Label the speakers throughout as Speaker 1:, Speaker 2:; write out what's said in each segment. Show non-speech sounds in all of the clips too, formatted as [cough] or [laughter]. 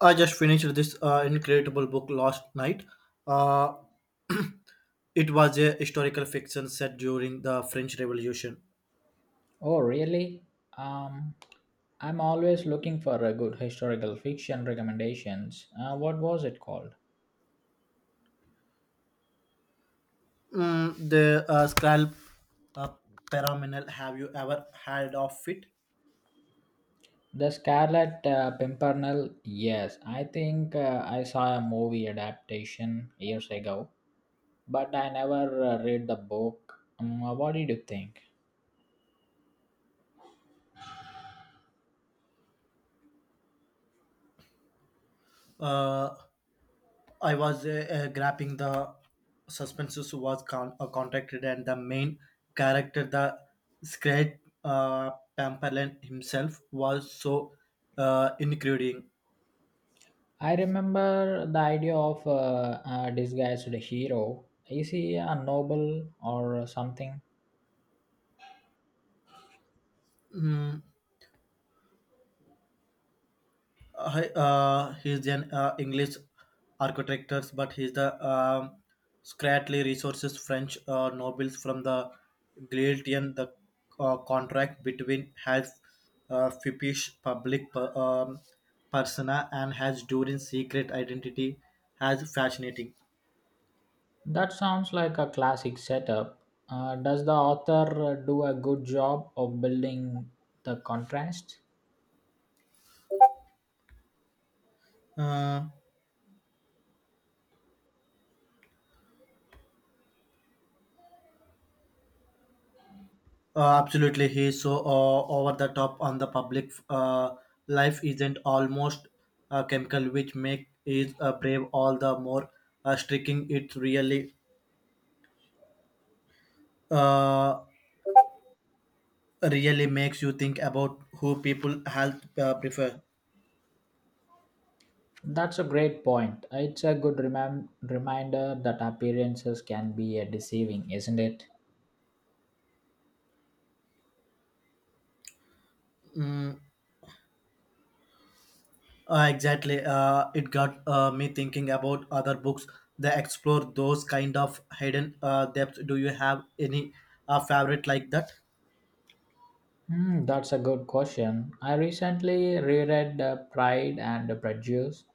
Speaker 1: I just finished this incredible book last night. Uh, it was a historical fiction set during the French Revolution.
Speaker 2: Oh, really? Um, I'm always looking for a good historical fiction recommendations. What was it called?
Speaker 1: Mm, the scalp uh, pyramidal. Have you ever heard of it?
Speaker 2: The Scarlet Pimpernel. Yes, I think I saw a movie adaptation years ago, but I never read the book. What did you think?
Speaker 1: Uh, I was grabbing the suspenses was contacted and the main character, the scared Pamperlin himself, was so including.
Speaker 2: I remember the idea of a disguised hero. Is he a noble or something?
Speaker 1: Mm, hi, he's an English architect, but he's the Scratley Resources French nobles from the Galatian. The contract between has fippish public persona and has during secret identity has fascinating.
Speaker 2: That sounds like a classic setup. Does the author do a good job of building the contrast?
Speaker 1: Uh, absolutely, he's so over the top on the public life isn't almost a chemical, which make is brave all the more striking. Uh, really makes you think about who people health prefer.
Speaker 2: That's a great point. It's a good reminder that appearances can be deceiving, isn't it?
Speaker 1: Mm, exactly, it got me thinking about other books that explore those kind of hidden depths. Do you have any favorite like that?
Speaker 2: Hmm, that's a good question. I recently reread Pride and Prejudice,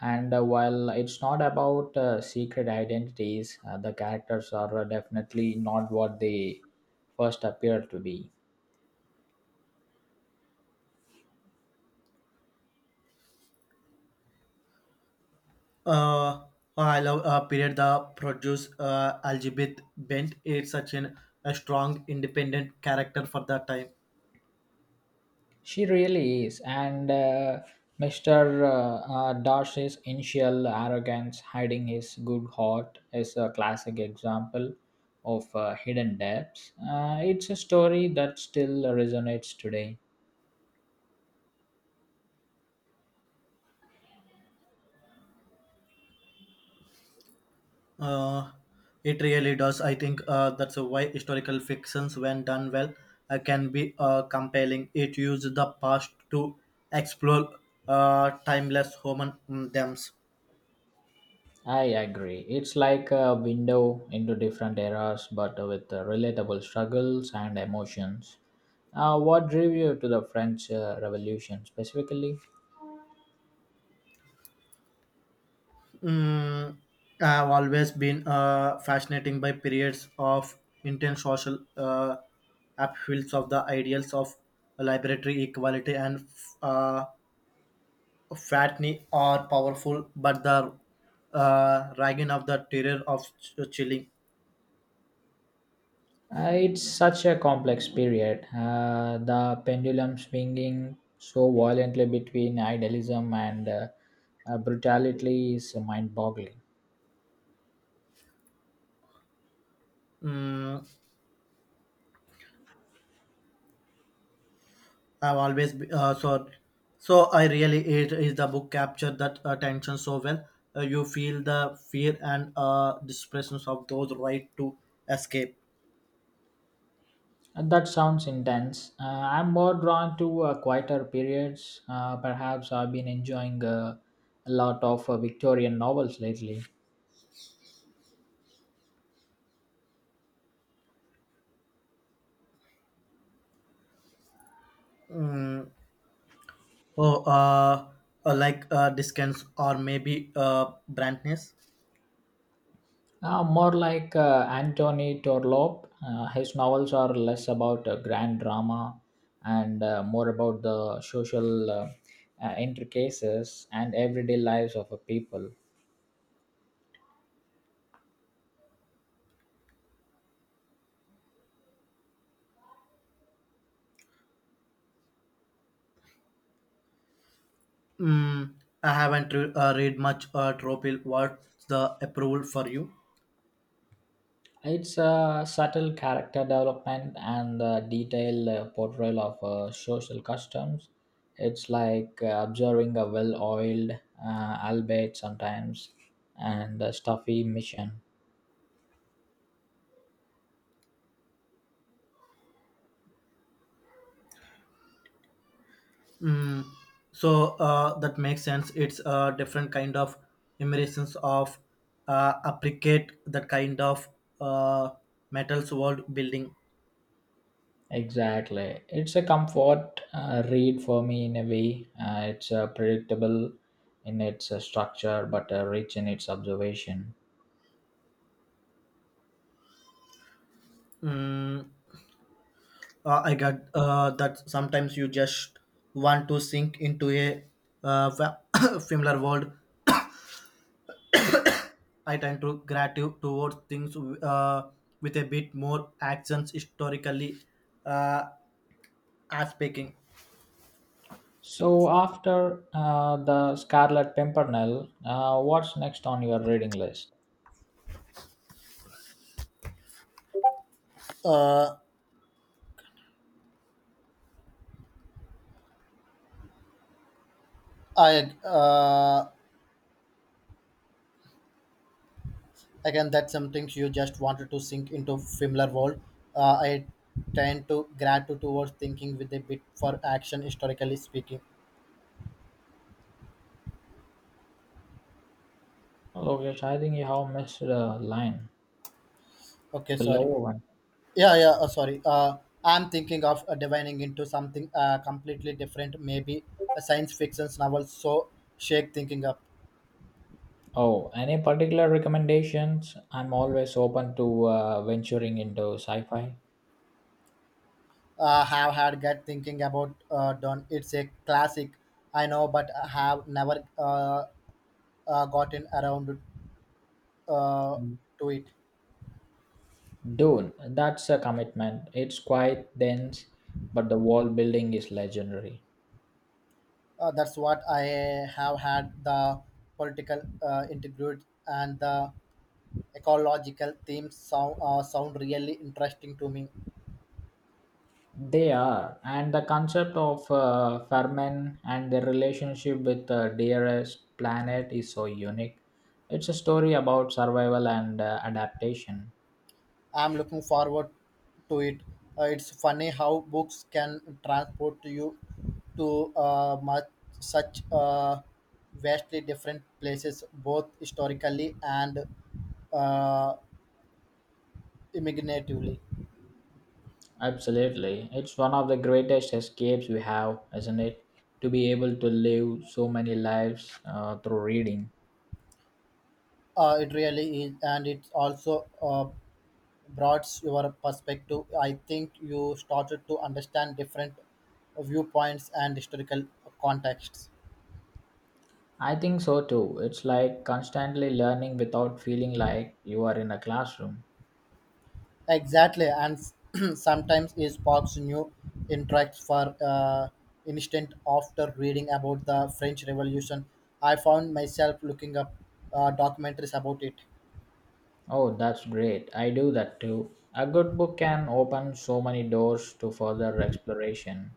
Speaker 2: and while it's not about secret identities, the characters are definitely not what they first appear to be.
Speaker 1: uh I love period the produce Elizabeth bent it's such an a strong independent character for that time.
Speaker 2: She really is. And Mr. Darcy's initial arrogance, hiding his good heart, is a classic example of hidden depths. It's a story that still resonates today.
Speaker 1: uh it really does. I think that's why historical fictions, when done well, can be compelling. It uses the past to explore timeless human themes.
Speaker 2: I agree. It's like a window into different eras, but with relatable struggles and emotions. What drew you to the French Revolution specifically?
Speaker 1: Mm, I've always been fascinating by periods of intense social upheavals of the ideals of liberatory equality and uh, fattening are powerful, but the ragging of the terror of chilling.
Speaker 2: It's such a complex period. The pendulum swinging so violently between idealism and brutality is mind boggling.
Speaker 1: Mm, I've always be, so so I really it is the book captured that tension so well. You feel the fear and desperation of those right to escape.
Speaker 2: That sounds intense. I'm more drawn to quieter periods. Perhaps I've been enjoying a lot of Victorian novels lately.
Speaker 1: Mm, oh, like discounts or maybe brandness.
Speaker 2: More like Antony Torlop. His novels are less about grand drama and more about the social intricacies and everyday lives of a people.
Speaker 1: Mm, I haven't read much Tropil. What's the approval for you?
Speaker 2: It's a subtle character development and a detailed portrayal of social customs. It's like observing a well oiled, albeit sometimes, and stuffy mission.
Speaker 1: Mm, So that makes sense. It's a different kind of immersions of appreciate that kind of uh, metals world building.
Speaker 2: Exactly. It's a comfort read for me in a way. It's predictable in its structure but rich in its observation.
Speaker 1: Mm, I got that sometimes you just want to sink into a uh, fa- [coughs] similar world. I tend to gratitude towards things uh, with a bit more actions historically, uh, as speaking.
Speaker 2: So, after the Scarlet Pimpernel, what's next on your reading list?
Speaker 1: Uh, I again that's something you just wanted to sink into familiar world. I tend to gratitude towards thinking with a bit for action historically speaking.
Speaker 2: Lokesh, I think you have missed a line.
Speaker 1: Okay,
Speaker 2: The
Speaker 1: sorry.
Speaker 2: lower one.
Speaker 1: Yeah, yeah. Sorry. I'm thinking of divining into something completely different, maybe a science fiction novel. So shake thinking up.
Speaker 2: Oh, any particular recommendations? I'm always open to venturing into sci fi.
Speaker 1: Have had get thinking about done. It's a classic, I know, but I have never gotten around uh, to it.
Speaker 2: Dune, that's a commitment. It's quite dense, but the world building is legendary.
Speaker 1: That's what I have had. The political integrity and the ecological themes sound, sound really interesting to me.
Speaker 2: They are, and the concept of Fermin and their relationship with the dearest planet is so unique. It's a story about survival and adaptation.
Speaker 1: I'm looking forward to it. It's funny how books can transport you to such vastly different places, both historically and uh, imaginatively.
Speaker 2: Absolutely. It's one of the greatest escapes we have, isn't it? To be able to live so many lives through reading.
Speaker 1: It really is, and it also broadens your perspective. I think you started to understand different viewpoints and historical contexts.
Speaker 2: I think so too. It's like constantly learning without feeling like you are in a classroom.
Speaker 1: Exactly, and [clears throat] sometimes it sparks new interacts for instance, after reading about the French Revolution. I found myself looking up documentaries about it.
Speaker 2: Oh, that's great. I do that too. A good book can open so many doors to further exploration.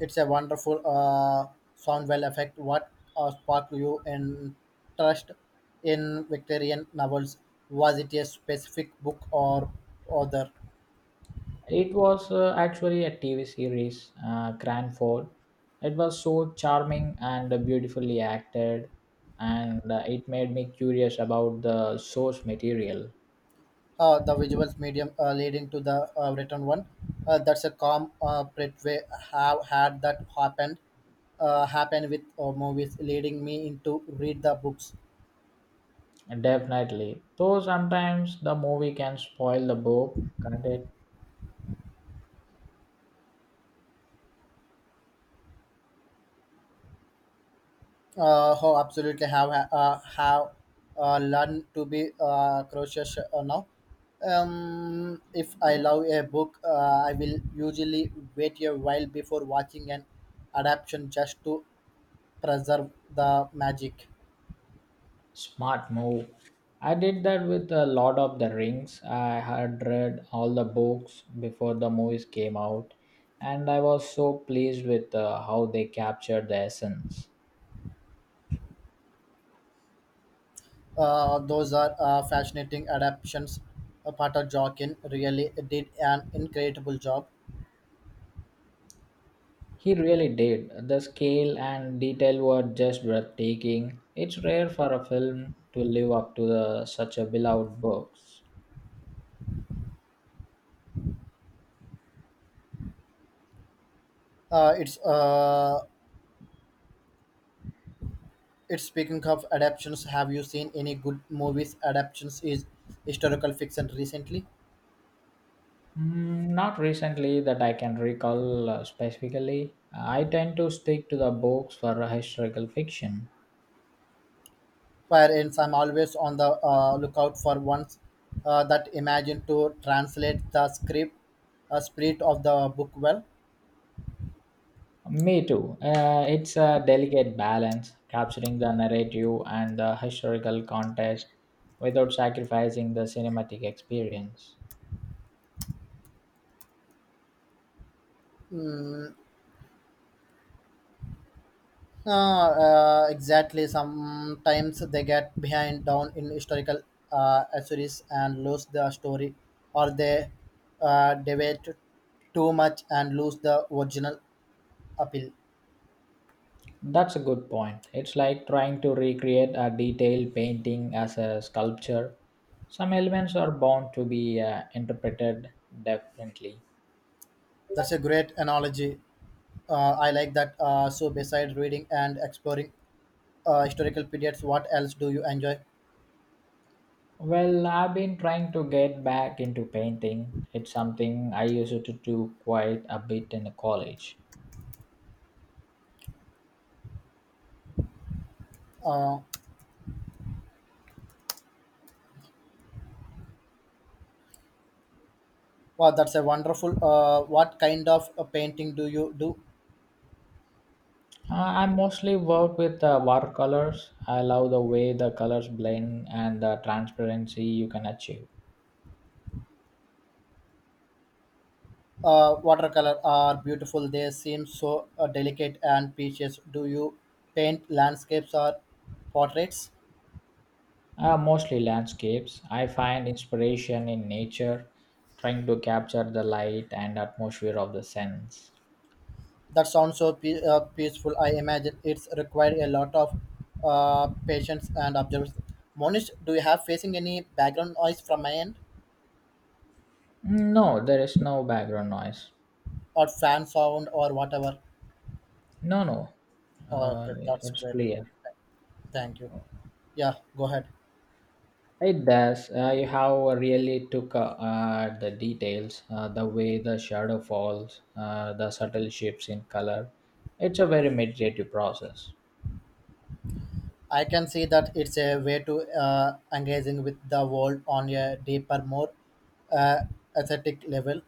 Speaker 1: It's a wonderful sound well effect. What sparked you interest in Victorian novels? Was it a specific book or other?
Speaker 2: It was actually a TV series, Cranford. It was so charming and beautifully acted, and it made me curious about the source material.
Speaker 1: The visual medium leading to the written one. That's a calm way. Have had that happen with movies leading me into read the books.
Speaker 2: Definitely. Though sometimes the movie can spoil the book can't it?
Speaker 1: How absolutely have learned to be cautious now. If I love a book, I will usually wait a while before watching an adaptation just to preserve the magic.
Speaker 2: Smart move. I did that with a lot of the rings. I had read all the books before the movies came out, and I was so pleased with how they captured the essence.
Speaker 1: Those are fascinating adaptations. Pater Joaquin really did an incredible job.
Speaker 2: He really did. The scale and detail were just breathtaking. It's rare for a film to live up to the, such a beloved books.
Speaker 1: Uh, it's uh, it's speaking of adaptations. Have you seen any good movies adaptations is historical fiction recently?
Speaker 2: Mm, not recently that I can recall specifically. I tend to stick to the books for historical fiction.
Speaker 1: Wherein I'm always on the lookout for ones that imagine to translate the script, spirit of the book well.
Speaker 2: Me too. It's a delicate balance, capturing the narrative and the historical context without sacrificing the cinematic experience.
Speaker 1: Uh, exactly. Sometimes they get behind down in historical series and lose the story, or they debate too much and lose the original appeal.
Speaker 2: That's a good point. It's like trying to recreate a detailed painting as a sculpture. Some elements are bound to be interpreted differently.
Speaker 1: That's a great analogy. I like that. So, besides reading and exploring historical periods, what else do you enjoy?
Speaker 2: Well, I've been trying to get back into painting. It's something I used to do quite a bit in college.
Speaker 1: Uh, wow, that's a wonderful. What kind of painting do you do?
Speaker 2: I mostly work with watercolors. I love the way the colors blend and the transparency you can achieve.
Speaker 1: Watercolor are beautiful. They seem so delicate and precious. Do you paint landscapes or portraits?
Speaker 2: Mostly landscapes. I find inspiration in nature, trying to capture the light and atmosphere of the sense.
Speaker 1: That sounds so peaceful. I imagine it's required a lot of patience and observation. Monish, do you have facing any background noise from my end
Speaker 2: No, there is no background noise.
Speaker 1: or fan sound or whatever?
Speaker 2: No, no, uh,
Speaker 1: Okay, that's
Speaker 2: it's
Speaker 1: great.
Speaker 2: clear.
Speaker 1: Thank you. Yeah, go ahead.
Speaker 2: It does. You have really took the details, the way the shadow falls, the subtle shifts in color. It's a very meditative process.
Speaker 1: I can see that it's a way to engaging with the world on a deeper, more uh, aesthetic level.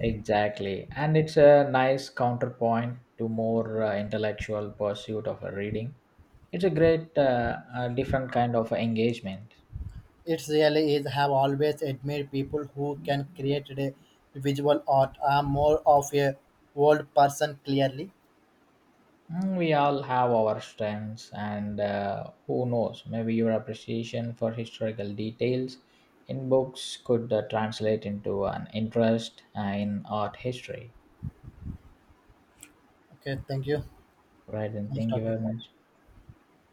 Speaker 2: Exactly, and it's a nice counterpoint to more intellectual pursuit of a reading. It's a great, different kind of engagement.
Speaker 1: It really is. Have always admired people who can create a visual art. I'm more of a old person, clearly.
Speaker 2: Mm, we all have our strengths, and who knows, maybe your appreciation for historical details in books could translate into an interest in art history.
Speaker 1: Okay, thank you.
Speaker 2: Right, and
Speaker 1: Nice
Speaker 2: thank you
Speaker 1: talking.
Speaker 2: very much.